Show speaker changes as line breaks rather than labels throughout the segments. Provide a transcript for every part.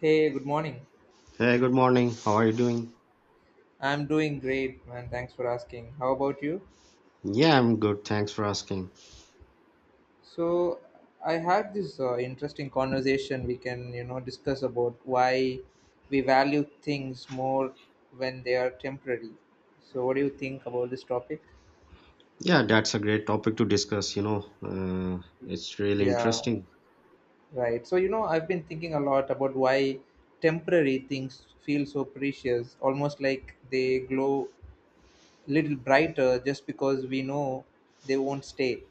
Hey, good morning.
Hey, good morning. How are you doing?
I'm doing great, man. Thanks for asking. How about you?
Yeah, I'm good. Thanks for asking.
So, I had this interesting conversation we can discuss about why we value things more when they are temporary. So, what do you think about this topic?
Yeah, that's a great topic to discuss, you know. It's really
Yeah,
interesting.
right. So, I've been thinking a lot about why temporary things feel so precious, almost like they glow little brighter just because we know they won't stay.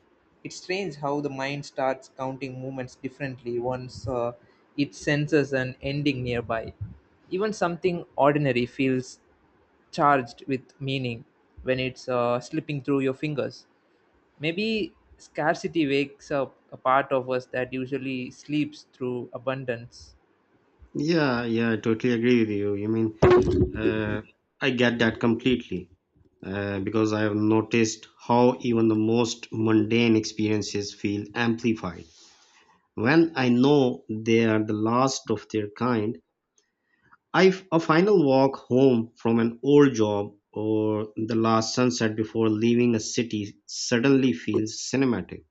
It's strange how the mind starts counting movements differently once it senses an ending nearby. Even something ordinary feels charged with meaning when it's slipping through your fingers. Maybe scarcity wakes up a part of us that usually sleeps through abundance.
Yeah, yeah, I totally agree with you. You mean, uh, I get that completely because I have noticed how even the most mundane experiences feel amplified when I know they are the last of their kind. A final walk home from an old job or the last sunset before leaving a city suddenly feels cinematic.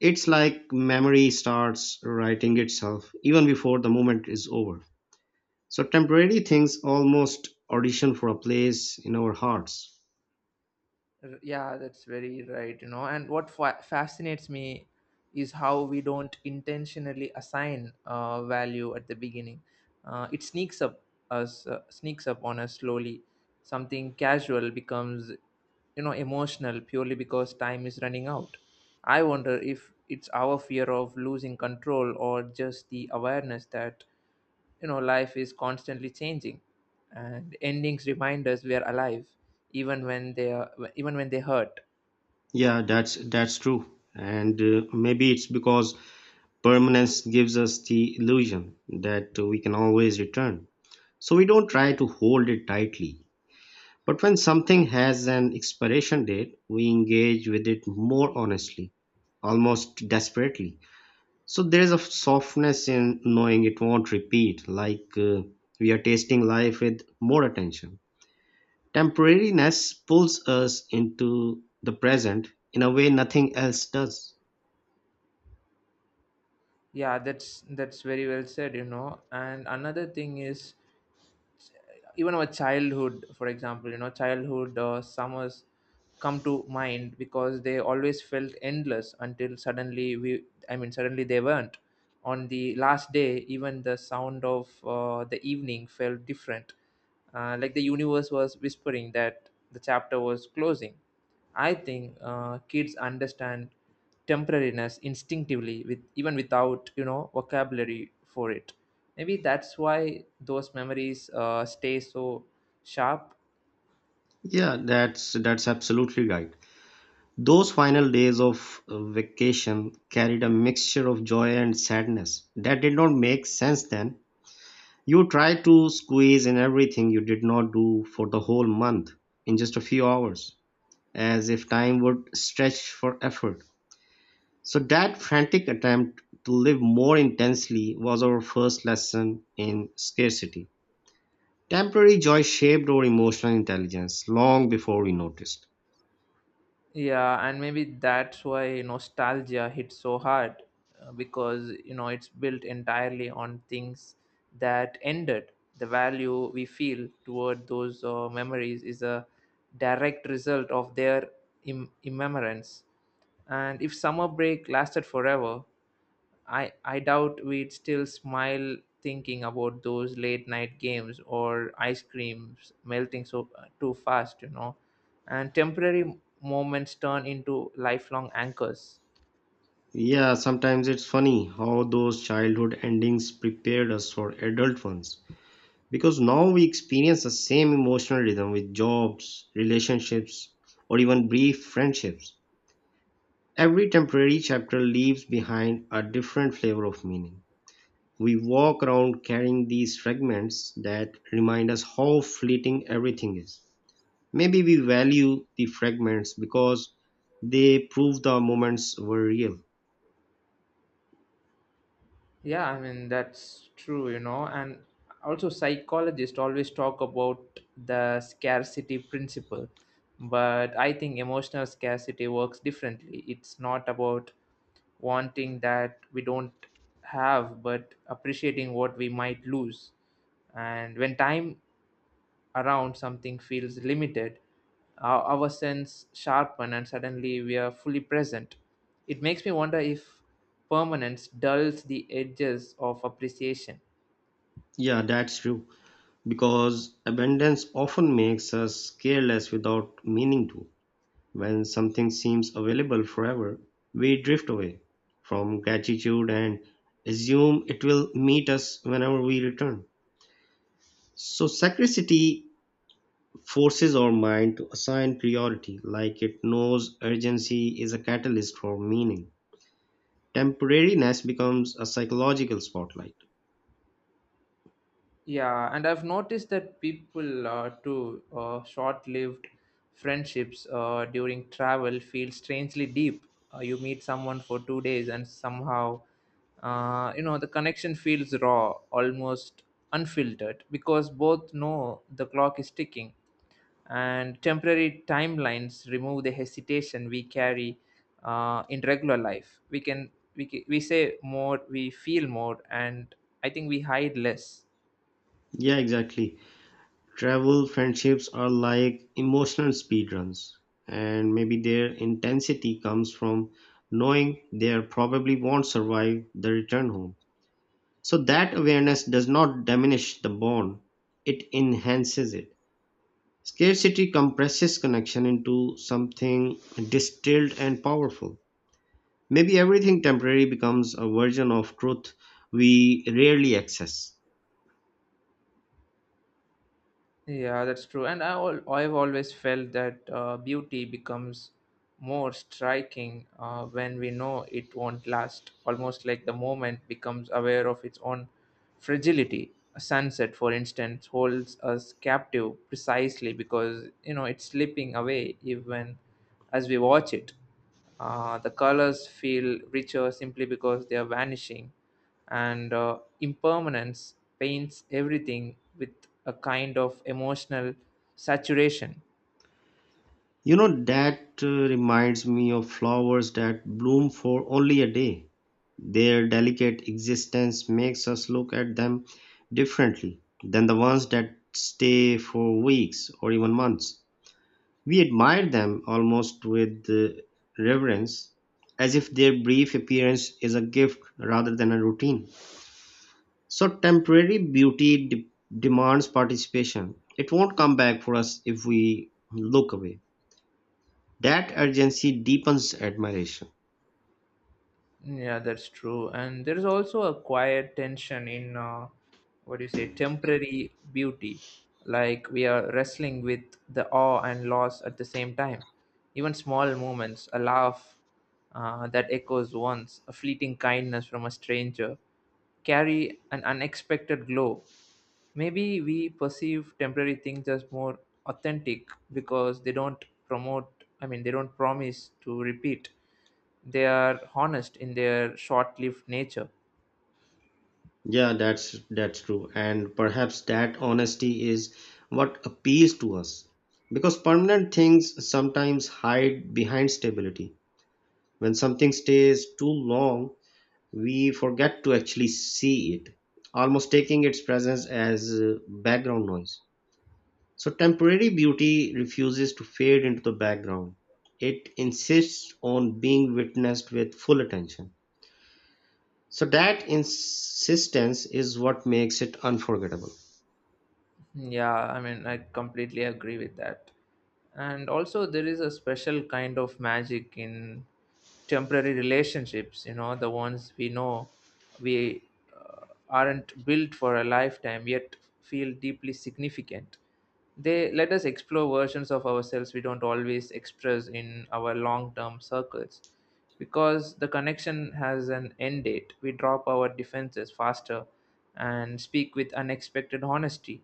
It's like memory starts writing itself even before the moment is over. So temporary things almost audition for a place in our hearts.
Yeah, that's very right, and what fascinates me is how we don't intentionally assign value at the beginning. It sneaks up us, sneaks up on us slowly. Something casual becomes, emotional, purely because time is running out. I wonder if it's our fear of losing control or just the awareness that, life is constantly changing, and endings remind us we are alive even when they hurt.
Yeah, that's true. And maybe it's because permanence gives us the illusion that we can always return. So we don't try to hold it tightly. But when something has an expiration date, we engage with it more honestly, almost desperately. So there is a softness in knowing it won't repeat, like, we are tasting life with more attention. Temporariness pulls us into the present in a way nothing else does.
Yeah, that's very well said, and another thing is, even our childhood, for example, childhood summers come to mind because they always felt endless until suddenly we I mean, suddenly they weren't. On the last day, even the sound of the evening felt different, like the universe was whispering that the chapter was closing. I think kids understand temporariness instinctively, with even without, vocabulary for it. Maybe that's why those memories stay so sharp.
Yeah, that's absolutely right. Those final days of vacation carried a mixture of joy and sadness that did not make sense then. You try to squeeze in everything you did not do for the whole month in just a few hours, as if time would stretch for effort. So, that frantic attempt to live more intensely was our first lesson in scarcity. Temporary joy shaped our emotional intelligence long before we noticed.
Yeah, and maybe that's why nostalgia hits so hard, because, it's built entirely on things that ended. The value we feel toward those memories is a direct result of their immemorance. And if summer break lasted forever, I doubt we'd still smile thinking about those late night games or ice creams melting so too fast. And temporary moments turn into lifelong anchors.
Yeah, sometimes it's funny how those childhood endings prepared us for adult ones, because now we experience the same emotional rhythm with jobs, relationships, or even brief friendships. Every temporary chapter leaves behind a different flavor of meaning. We walk around carrying these fragments that remind us how fleeting everything is. Maybe we value the fragments because they prove the moments were real.
Yeah, I mean that's true. And also, psychologists always talk about the scarcity principle, but I think emotional scarcity works differently. It's not about wanting that we don't have, but appreciating what we might lose. And when time around something feels limited, our sense sharpen and suddenly we are fully present. It makes me wonder if permanence dulls the edges of appreciation.
Yeah, that's true. Because abundance often makes us careless without meaning to. When something seems available forever, we drift away from gratitude and assume it will meet us whenever we return. So, scarcity forces our mind to assign priority, like it knows urgency is a catalyst for meaning. Temporariness becomes a psychological spotlight.
Yeah, and I've noticed that people, too short-lived friendships during travel feel strangely deep. You meet someone for 2 days, and somehow, the connection feels raw, almost unfiltered, because both know the clock is ticking, and temporary timelines remove the hesitation we carry in regular life. We say more, we feel more, and I think we hide less.
Yeah, exactly. Travel friendships are like emotional speedruns, and maybe their intensity comes from knowing they are probably won't survive the return home. So that awareness does not diminish the bond, it enhances it. Scarcity compresses connection into something distilled and powerful. Maybe everything temporary becomes a version of truth we rarely access.
Yeah, that's true. And I've always felt that beauty becomes more striking when we know it won't last, almost like the moment becomes aware of its own fragility. A sunset, for instance, holds us captive precisely because, it's slipping away even as we watch it. The colors feel richer simply because they are vanishing, and impermanence paints everything with a kind of emotional saturation.
You know, that reminds me of flowers that bloom for only a day. Their delicate existence makes us look at them differently than the ones that stay for weeks or even months. We admire them almost with, reverence, as if their brief appearance is a gift rather than a routine. So, temporary beauty demands participation. It won't come back for us if we look away. That urgency deepens admiration.
Yeah, that's true. And there is also a quiet tension in, what do you say, temporary beauty. Like we are wrestling with the awe and loss at the same time. Even small moments, a laugh that echoes once, a fleeting kindness from a stranger, carry an unexpected glow. Maybe we perceive temporary things as more authentic because they don't promote, I mean, they don't promise to repeat. They are honest in their short lived nature.
Yeah, that's true. And perhaps that honesty is what appeals to us. Because permanent things sometimes hide behind stability. When something stays too long, we forget to actually see it, almost taking its presence as, background noise. So temporary beauty refuses to fade into the background. It insists on being witnessed with full attention. So that insistence is what makes it unforgettable.
Yeah, I mean, I completely agree with that. And also, there is a special kind of magic in temporary relationships, the ones we know we uh, aren't built for a lifetime yet feel deeply significant. They let us explore versions of ourselves we don't always express in our long term circles because the connection has an end date. We drop our defenses faster and speak with unexpected honesty.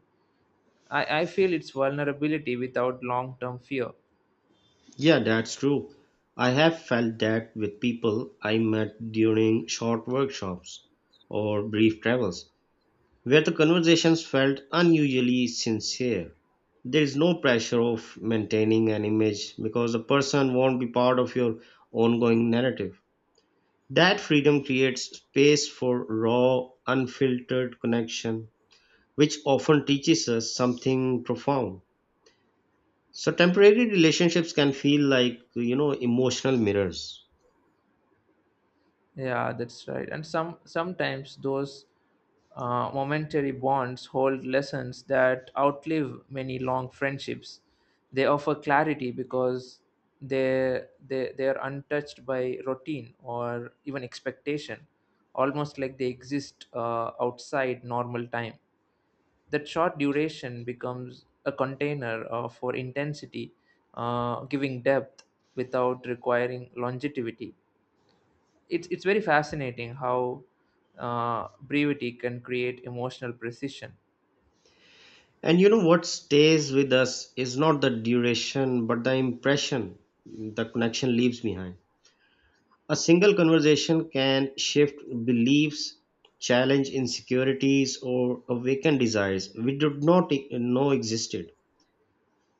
I feel it's vulnerability without long-term fear.
Yeah, that's true. I have felt that with people I met during short workshops or brief travels, where the conversations felt unusually sincere. There is no pressure of maintaining an image because the person won't be part of your ongoing narrative. That freedom creates space for raw, unfiltered connection, which often teaches us something profound. So temporary relationships can feel like, you know, emotional mirrors.
Yeah, that's right. And sometimes those momentary bonds hold lessons that outlive many long friendships. They offer clarity because they are untouched by routine or even expectation, almost like they exist outside normal time. That short duration becomes a container for intensity, giving depth without requiring longevity. It's very fascinating how brevity can create emotional precision.
And you know what stays with us is not the duration, but the impression the connection leaves behind. A single conversation can shift beliefs, challenge insecurities, or awaken desires we did not know existed.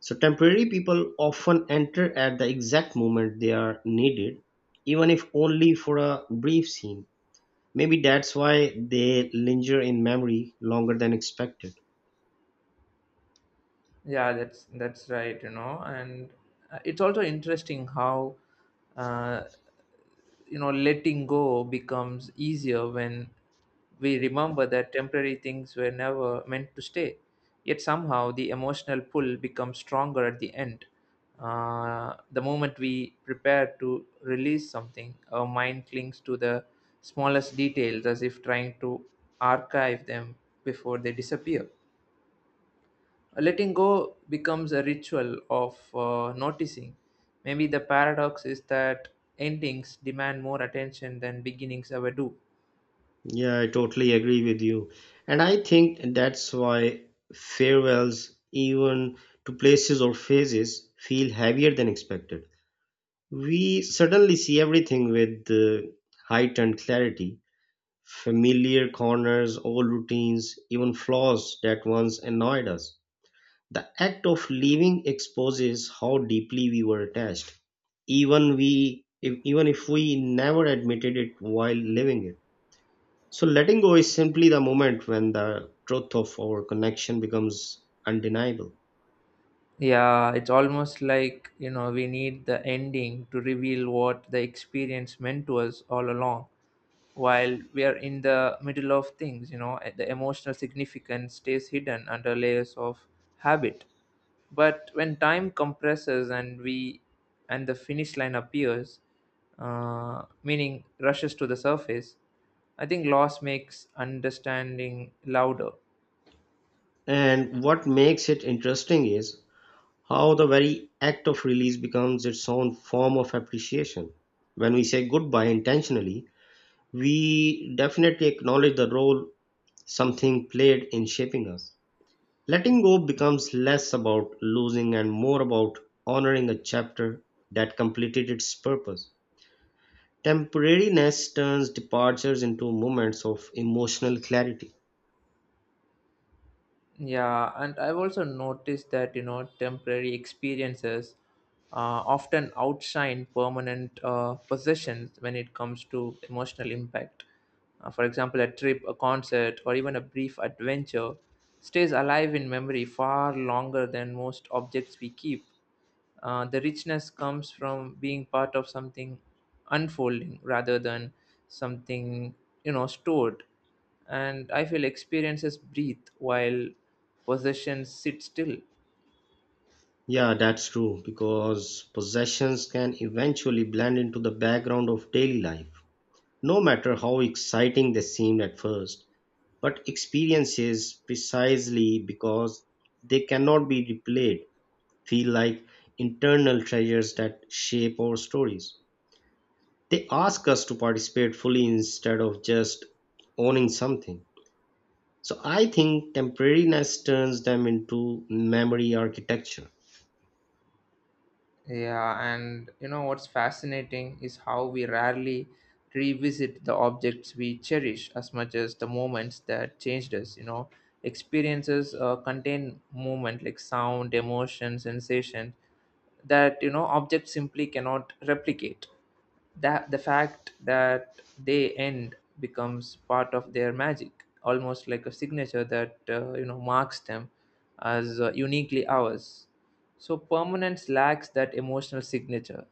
So temporary people often enter at the exact moment they are needed, even if only for a brief scene. Maybe that's why they linger in memory longer than expected.
Yeah, that's right, and it's also interesting how, uh, letting go becomes easier when we remember that temporary things were never meant to stay, yet somehow the emotional pull becomes stronger at the end. The moment we prepare to release something, our mind clings to the smallest details as if trying to archive them before they disappear. Letting go becomes a ritual of noticing. Maybe the paradox is that endings demand more attention than beginnings ever do.
Yeah, I totally agree with you. And I think that's why farewells, even to places or phases, feel heavier than expected. We suddenly see everything with, heightened clarity: familiar corners, old routines, even flaws that once annoyed us. The act of leaving exposes how deeply we were attached, even if we never admitted it while living it. So letting go is simply the moment when the truth of our connection becomes undeniable.
Yeah, it's almost like, we need the ending to reveal what the experience meant to us all along. While we are in the middle of things, the emotional significance stays hidden under layers of habit. But when time compresses, and we and the finish line appears, meaning rushes to the surface. I think loss makes understanding louder.
And what makes it interesting is how the very act of release becomes its own form of appreciation. When we say goodbye intentionally, we definitely acknowledge the role something played in shaping us. Letting go becomes less about losing and more about honoring a chapter that completed its purpose. Temporariness turns departures into moments of emotional clarity.
Yeah, and I've also noticed that, temporary experiences uh, often outshine permanent possessions when it comes to emotional impact. For example, a trip, a concert, or even a brief adventure stays alive in memory far longer than most objects we keep. The richness comes from being part of something unfolding rather than something, stored. And I feel experiences breathe while possessions sit still.
Yeah, that's true, because possessions can eventually blend into the background of daily life, no matter how exciting they seem at first. But experiences, precisely because they cannot be replayed, feel like internal treasures that shape our stories. They ask us to participate fully instead of just owning something. So I think temporariness turns them into memory architecture.
Yeah, and what's fascinating is how we rarely revisit the objects we cherish as much as the moments that changed us. Experiences contain movement, like sound, emotion, sensation, that, objects simply cannot replicate. That the fact that they end becomes part of their magic, almost like a signature that, marks them as, uniquely ours. So permanence lacks that emotional signature.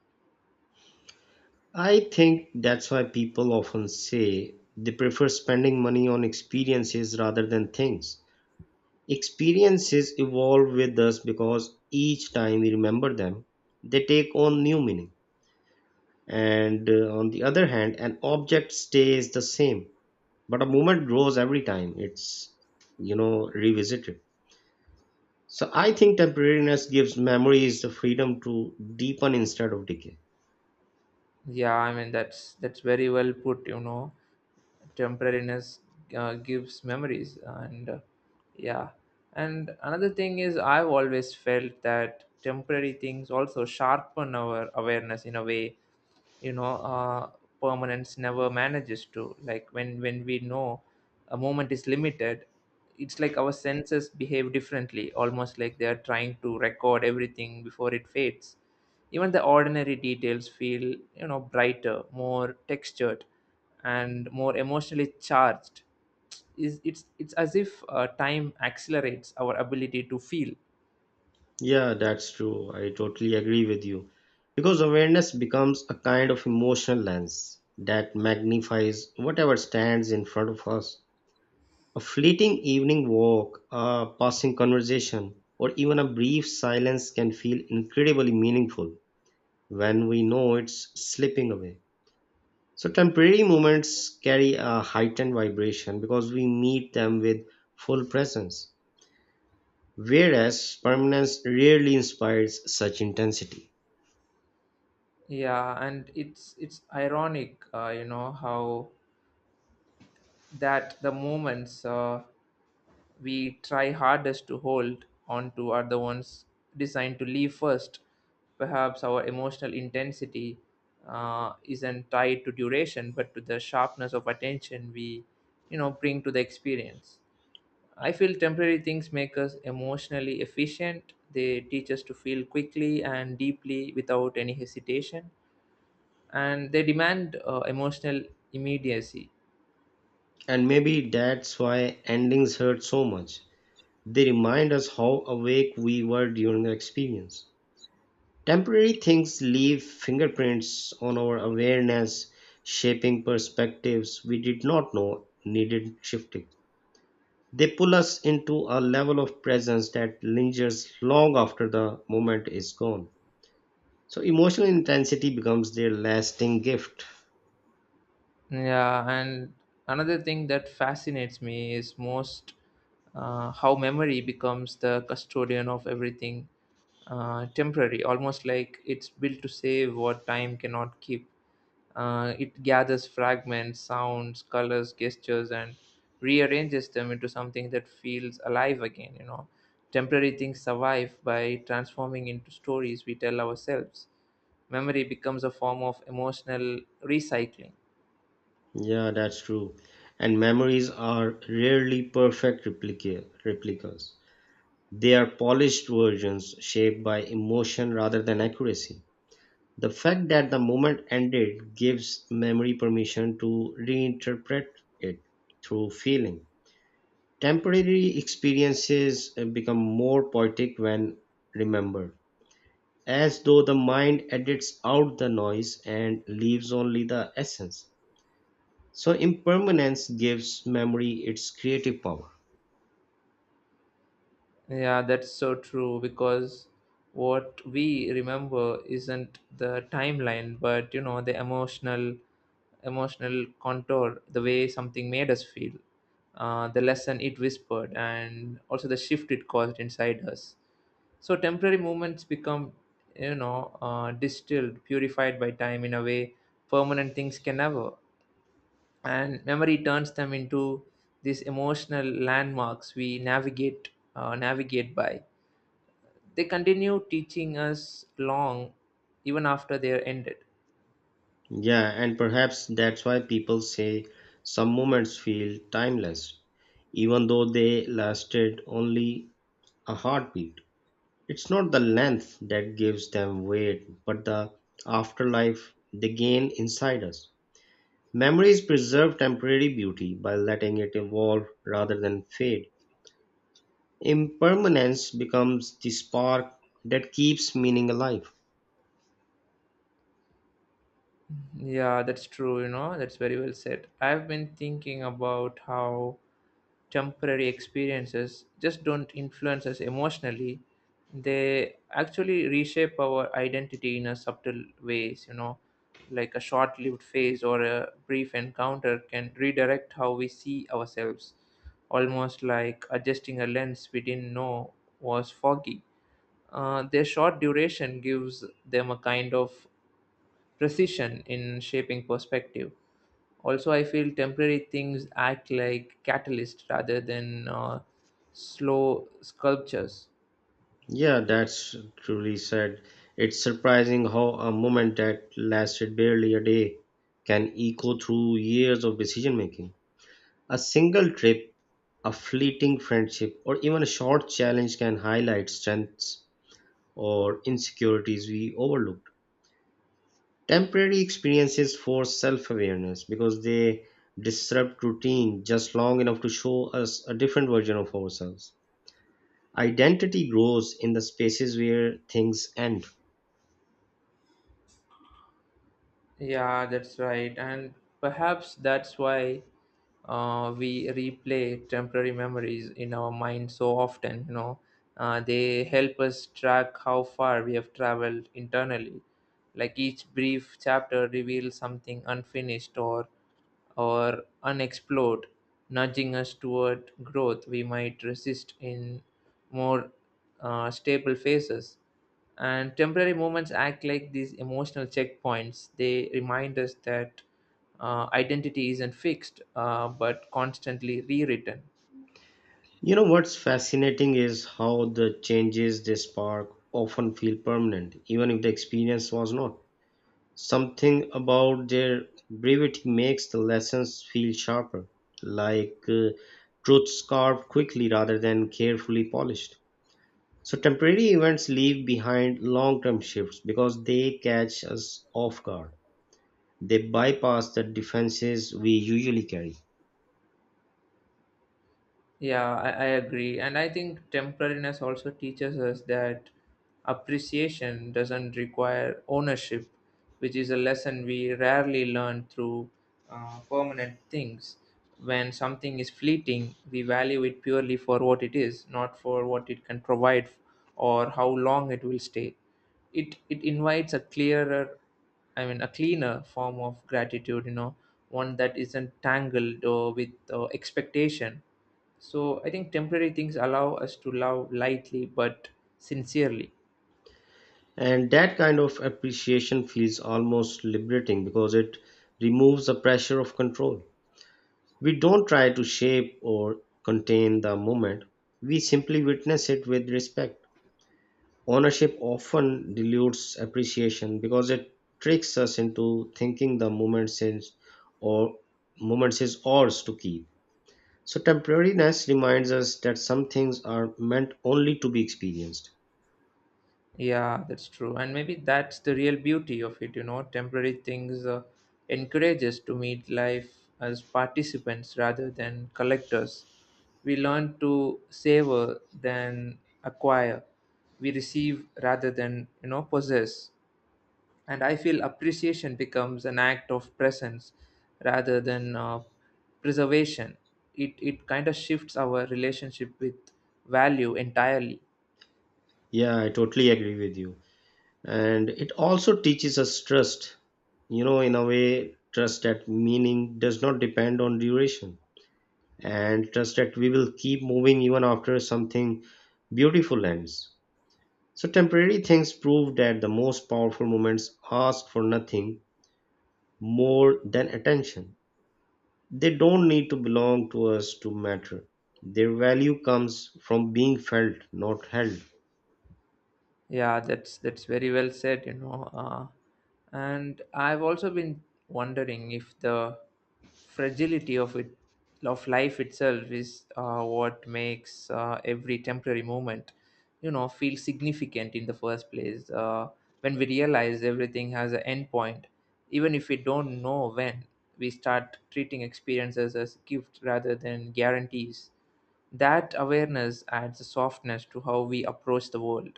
I think that's why people often say they prefer spending money on experiences rather than things. Experiences evolve with us because each time we remember them, they take on new meaning. And on the other hand, an object stays the same, but a moment grows every time it's, you know, revisited. So I think temporariness gives memories the freedom to deepen instead of decay.
Yeah, I mean that's very well put, temporariness gives memories, and yeah. And another thing is, I've always felt that temporary things also sharpen our awareness in a way, you know uh, permanence never manages to. Like, when we know a moment is limited, it's like our senses behave differently, almost like they are trying to record everything before it fades. Even the ordinary details feel, brighter, more textured, and more emotionally charged. Is it's it's as if, time accelerates our ability to feel.
Yeah, that's true. I totally agree with you. Because awareness becomes a kind of emotional lens that magnifies whatever stands in front of us. A fleeting evening walk, a passing conversation, or even a brief silence can feel incredibly meaningful when we know it's slipping away. So temporary moments carry a heightened vibration because we meet them with full presence, whereas permanence rarely inspires such intensity.
Yeah, and it's ironic, how that the moments we try hardest to hold onto are the ones designed to leave first. Perhaps our emotional intensity isn't tied to duration, but to the sharpness of attention we, bring to the experience. I feel temporary things make us emotionally efficient. They teach us to feel quickly and deeply without any hesitation, and they demand emotional immediacy.
And maybe that's why endings hurt so much. They remind us how awake we were during the experience. Temporary things leave fingerprints on our awareness, shaping perspectives we did not know needed shifting. They pull us into a level of presence that lingers long after the moment is gone. So emotional intensity becomes their lasting gift.
Yeah, and another thing that fascinates me is most how memory becomes the custodian of everything temporary, almost like it's built to save what time cannot keep. It gathers fragments, sounds, colors, gestures, and rearranges them into something that feels alive again. Temporary things survive by transforming into stories we tell ourselves. Memory becomes a form of emotional recycling.
Yeah, that's true. And memories are rarely perfect replicas. They are polished versions shaped by emotion rather than accuracy. The fact that the moment ended gives memory permission to reinterpret it through feeling. Temporary experiences become more poetic when remembered, as though the mind edits out the noise and leaves only the essence. So, impermanence gives memory its creative power.
Yeah, that's so true, because what we remember isn't the timeline, but, the emotional contour, the way something made us feel, the lesson it whispered, and also the shift it caused inside us. So temporary moments become, distilled, purified by time in a way permanent things can never. And memory turns them into these emotional landmarks we navigate by. They continue teaching us long even after they are ended.
Yeah, and perhaps that's why people say some moments feel timeless, even though they lasted only a heartbeat. It's not the length that gives them weight, but the afterlife they gain inside us. Memories preserve temporary beauty by letting it evolve rather than fade. Impermanence becomes the spark that keeps meaning alive.
Yeah, that's true, that's very well said. I've been thinking about how temporary experiences just don't influence us emotionally, they actually reshape our identity in a subtle ways, like a short-lived phase or a brief encounter can redirect how we see ourselves, almost like adjusting a lens we didn't know was foggy. Their short duration gives them a kind of precision in shaping perspective. Also, I feel temporary things act like catalyst rather than slow sculptures.
Yeah, that's truly said. It's surprising how a moment that lasted barely a day can echo through years of decision making. A single trip, a fleeting friendship, or even a short challenge can highlight strengths or insecurities we overlook. Temporary experiences force self awareness because they disrupt routine just long enough to show us a different version of ourselves. Identity grows in the spaces where things end.
Yeah, that's right. And perhaps that's why we replay temporary memories in our mind so often. They help us track how far we have traveled internally, like each brief chapter reveals something unfinished or unexplored, nudging us toward growth we might resist in more stable phases. And temporary moments act like these emotional checkpoints. They remind us that identity isn't fixed, but constantly rewritten.
You know what's fascinating is how the changes they spark often feel permanent, even if the experience was not. Something about their brevity makes the lessons feel sharper, like, truth carved quickly rather than carefully polished. So temporary events leave behind long-term shifts because they catch us off guard. They bypass the defenses we usually carry.
Yeah, I agree. And I think temporariness also teaches us that appreciation doesn't require ownership, which is a lesson we rarely learn through permanent things. When something is fleeting, we value it purely for what it is, not for what it can provide or how long it will stay. It invites a clearer a cleaner form of gratitude, you know, one that isn't tangled or with expectation. So I think temporary things allow us to love lightly but sincerely.
And that kind of appreciation feels almost liberating because it removes the pressure of control. We don't try to shape or contain the moment. We simply witness it with respect. Ownership often dilutes appreciation because it tricks us into thinking the moment is, or moments is, ours to keep. So temporariness reminds us that some things are meant only to be experienced.
Yeah, that's true. And maybe that's the real beauty of it, you know. Temporary things encourage us to meet life as participants rather than collectors. We learn to savor than acquire. We receive rather than, you know, possess. And I feel appreciation becomes an act of presence rather than preservation. It kind of shifts our relationship with value entirely.
Yeah, I totally agree with you. And it also teaches us trust, you know, in a way, trust that meaning does not depend on duration, and trust that we will keep moving even after something beautiful ends. So temporary things prove that the most powerful moments ask for nothing more than attention. They don't need to belong to us to matter. Their value comes from being felt, not held.
Yeah, that's very well said, you know. And I've also been wondering if the fragility of it, of life itself, is what makes every temporary moment, you know, feel significant in the first place. When we realize everything has an end point, even if we don't know when, we start treating experiences as gifts rather than guarantees. That awareness adds a softness to how we approach the world,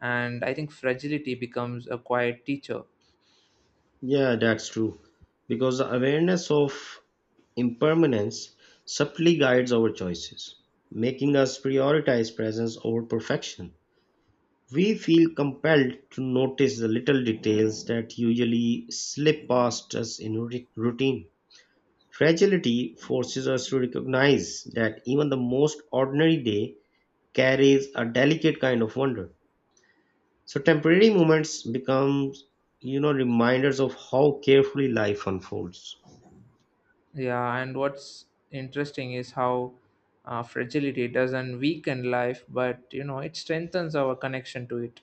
and I think fragility becomes a quiet teacher.
Yeah, that's true. Because the awareness of impermanence subtly guides our choices, making us prioritize presence over perfection. We feel compelled to notice the little details that usually slip past us in routine. Fragility forces us to recognize that even the most ordinary day carries a delicate kind of wonder. So temporary moments become, you know, reminders of how carefully life unfolds.
Yeah, and what's interesting is how fragility doesn't weaken life, but you know, it strengthens our connection to it.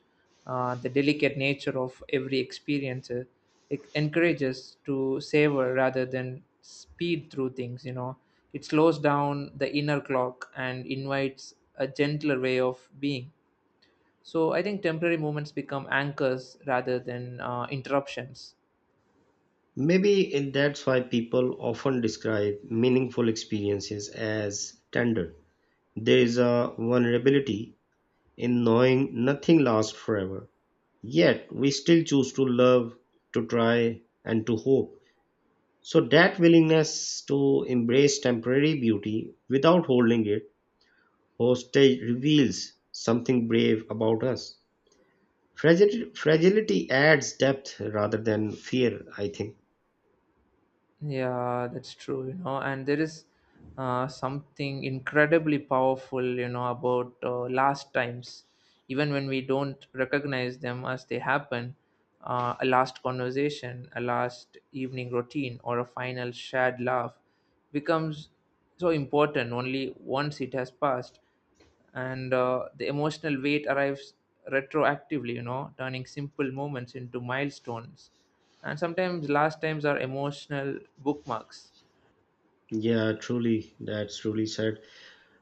The delicate nature of every experience, it encourages to savor rather than speed through things, you know. It slows down the inner clock and invites a gentler way of being. So I think temporary moments become anchors rather than interruptions.
Maybe that's why people often describe meaningful experiences as tender. There is a vulnerability in knowing nothing lasts forever. Yet we still choose to love, to try, and to hope. So that willingness to embrace temporary beauty without holding it hostage reveals something brave about us. Fragility adds depth rather than fear, I think.
Yeah, that's true, you know, and there is something incredibly powerful, you know, about last times, even when we don't recognize them as they happen. A last conversation, a last evening routine, or a final shared laugh becomes so important only once it has passed. And the emotional weight arrives retroactively, you know, turning simple moments into milestones. And sometimes last times are emotional bookmarks.
Yeah, truly, that's truly said.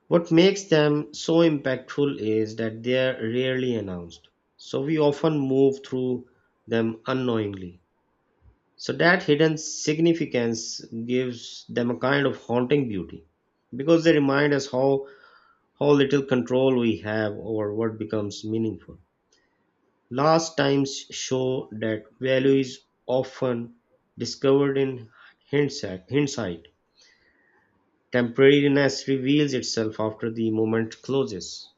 What makes them so impactful is that they are rarely announced. So we often move through them unknowingly. So that hidden significance gives them a kind of haunting beauty, because they remind us how little control we have over what becomes meaningful. Last times show that value is often discovered in hindsight. Temporariness reveals itself after the moment closes.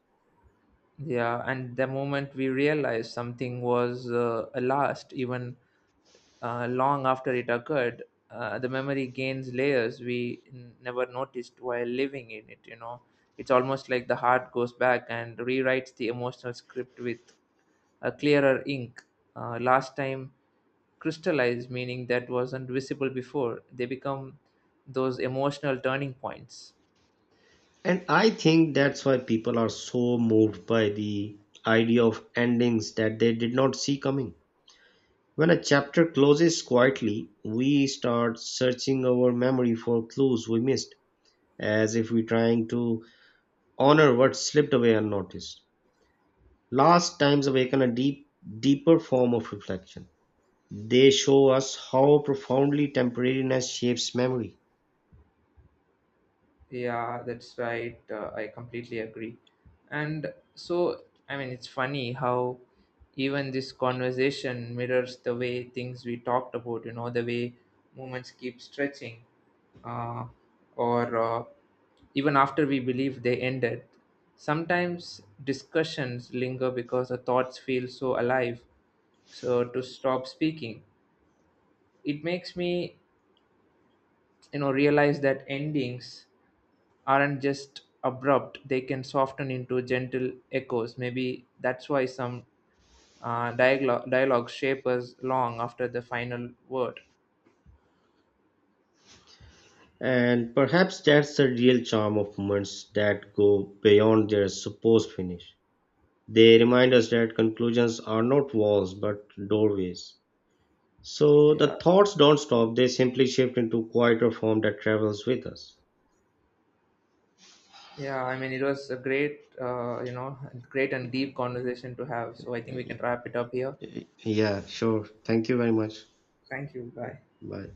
Yeah, and the moment we realized something was a last, even long after it occurred, the memory gains layers we never noticed while living in it. You know, it's almost like the heart goes back and rewrites the emotional script with a clearer ink. Last time crystallized, meaning that wasn't visible before. They become those emotional turning points.
And I think that's why people are so moved by the idea of endings that they did not see coming. When a chapter closes quietly, we start searching our memory for clues we missed, as if we're trying to honor what slipped away unnoticed. Last times awaken a deeper form of reflection. They show us how profoundly temporariness shapes memory.
Yeah, that's right. I completely agree. And so, it's funny how even this conversation mirrors the way things we talked about, you know, the way movements keep stretching, uh, or even after we believe they ended. Sometimes discussions linger because the thoughts feel so alive. So, to stop speaking, it makes me, you know, realize that endings aren't just abrupt. They can soften into gentle echoes. Maybe that's why some dialogue shapers long after the final word.
And perhaps that's the real charm of moments that go beyond their supposed finish. They remind us that conclusions are not walls but doorways. So
Yeah.
the thoughts don't stop, they simply shift into quieter form that travels with us.
Yeah, I mean, it was a great you know, great and deep conversation to have, so I think we can wrap it up here.
Yeah, sure. Thank you very much.
Thank you. Bye.
Bye.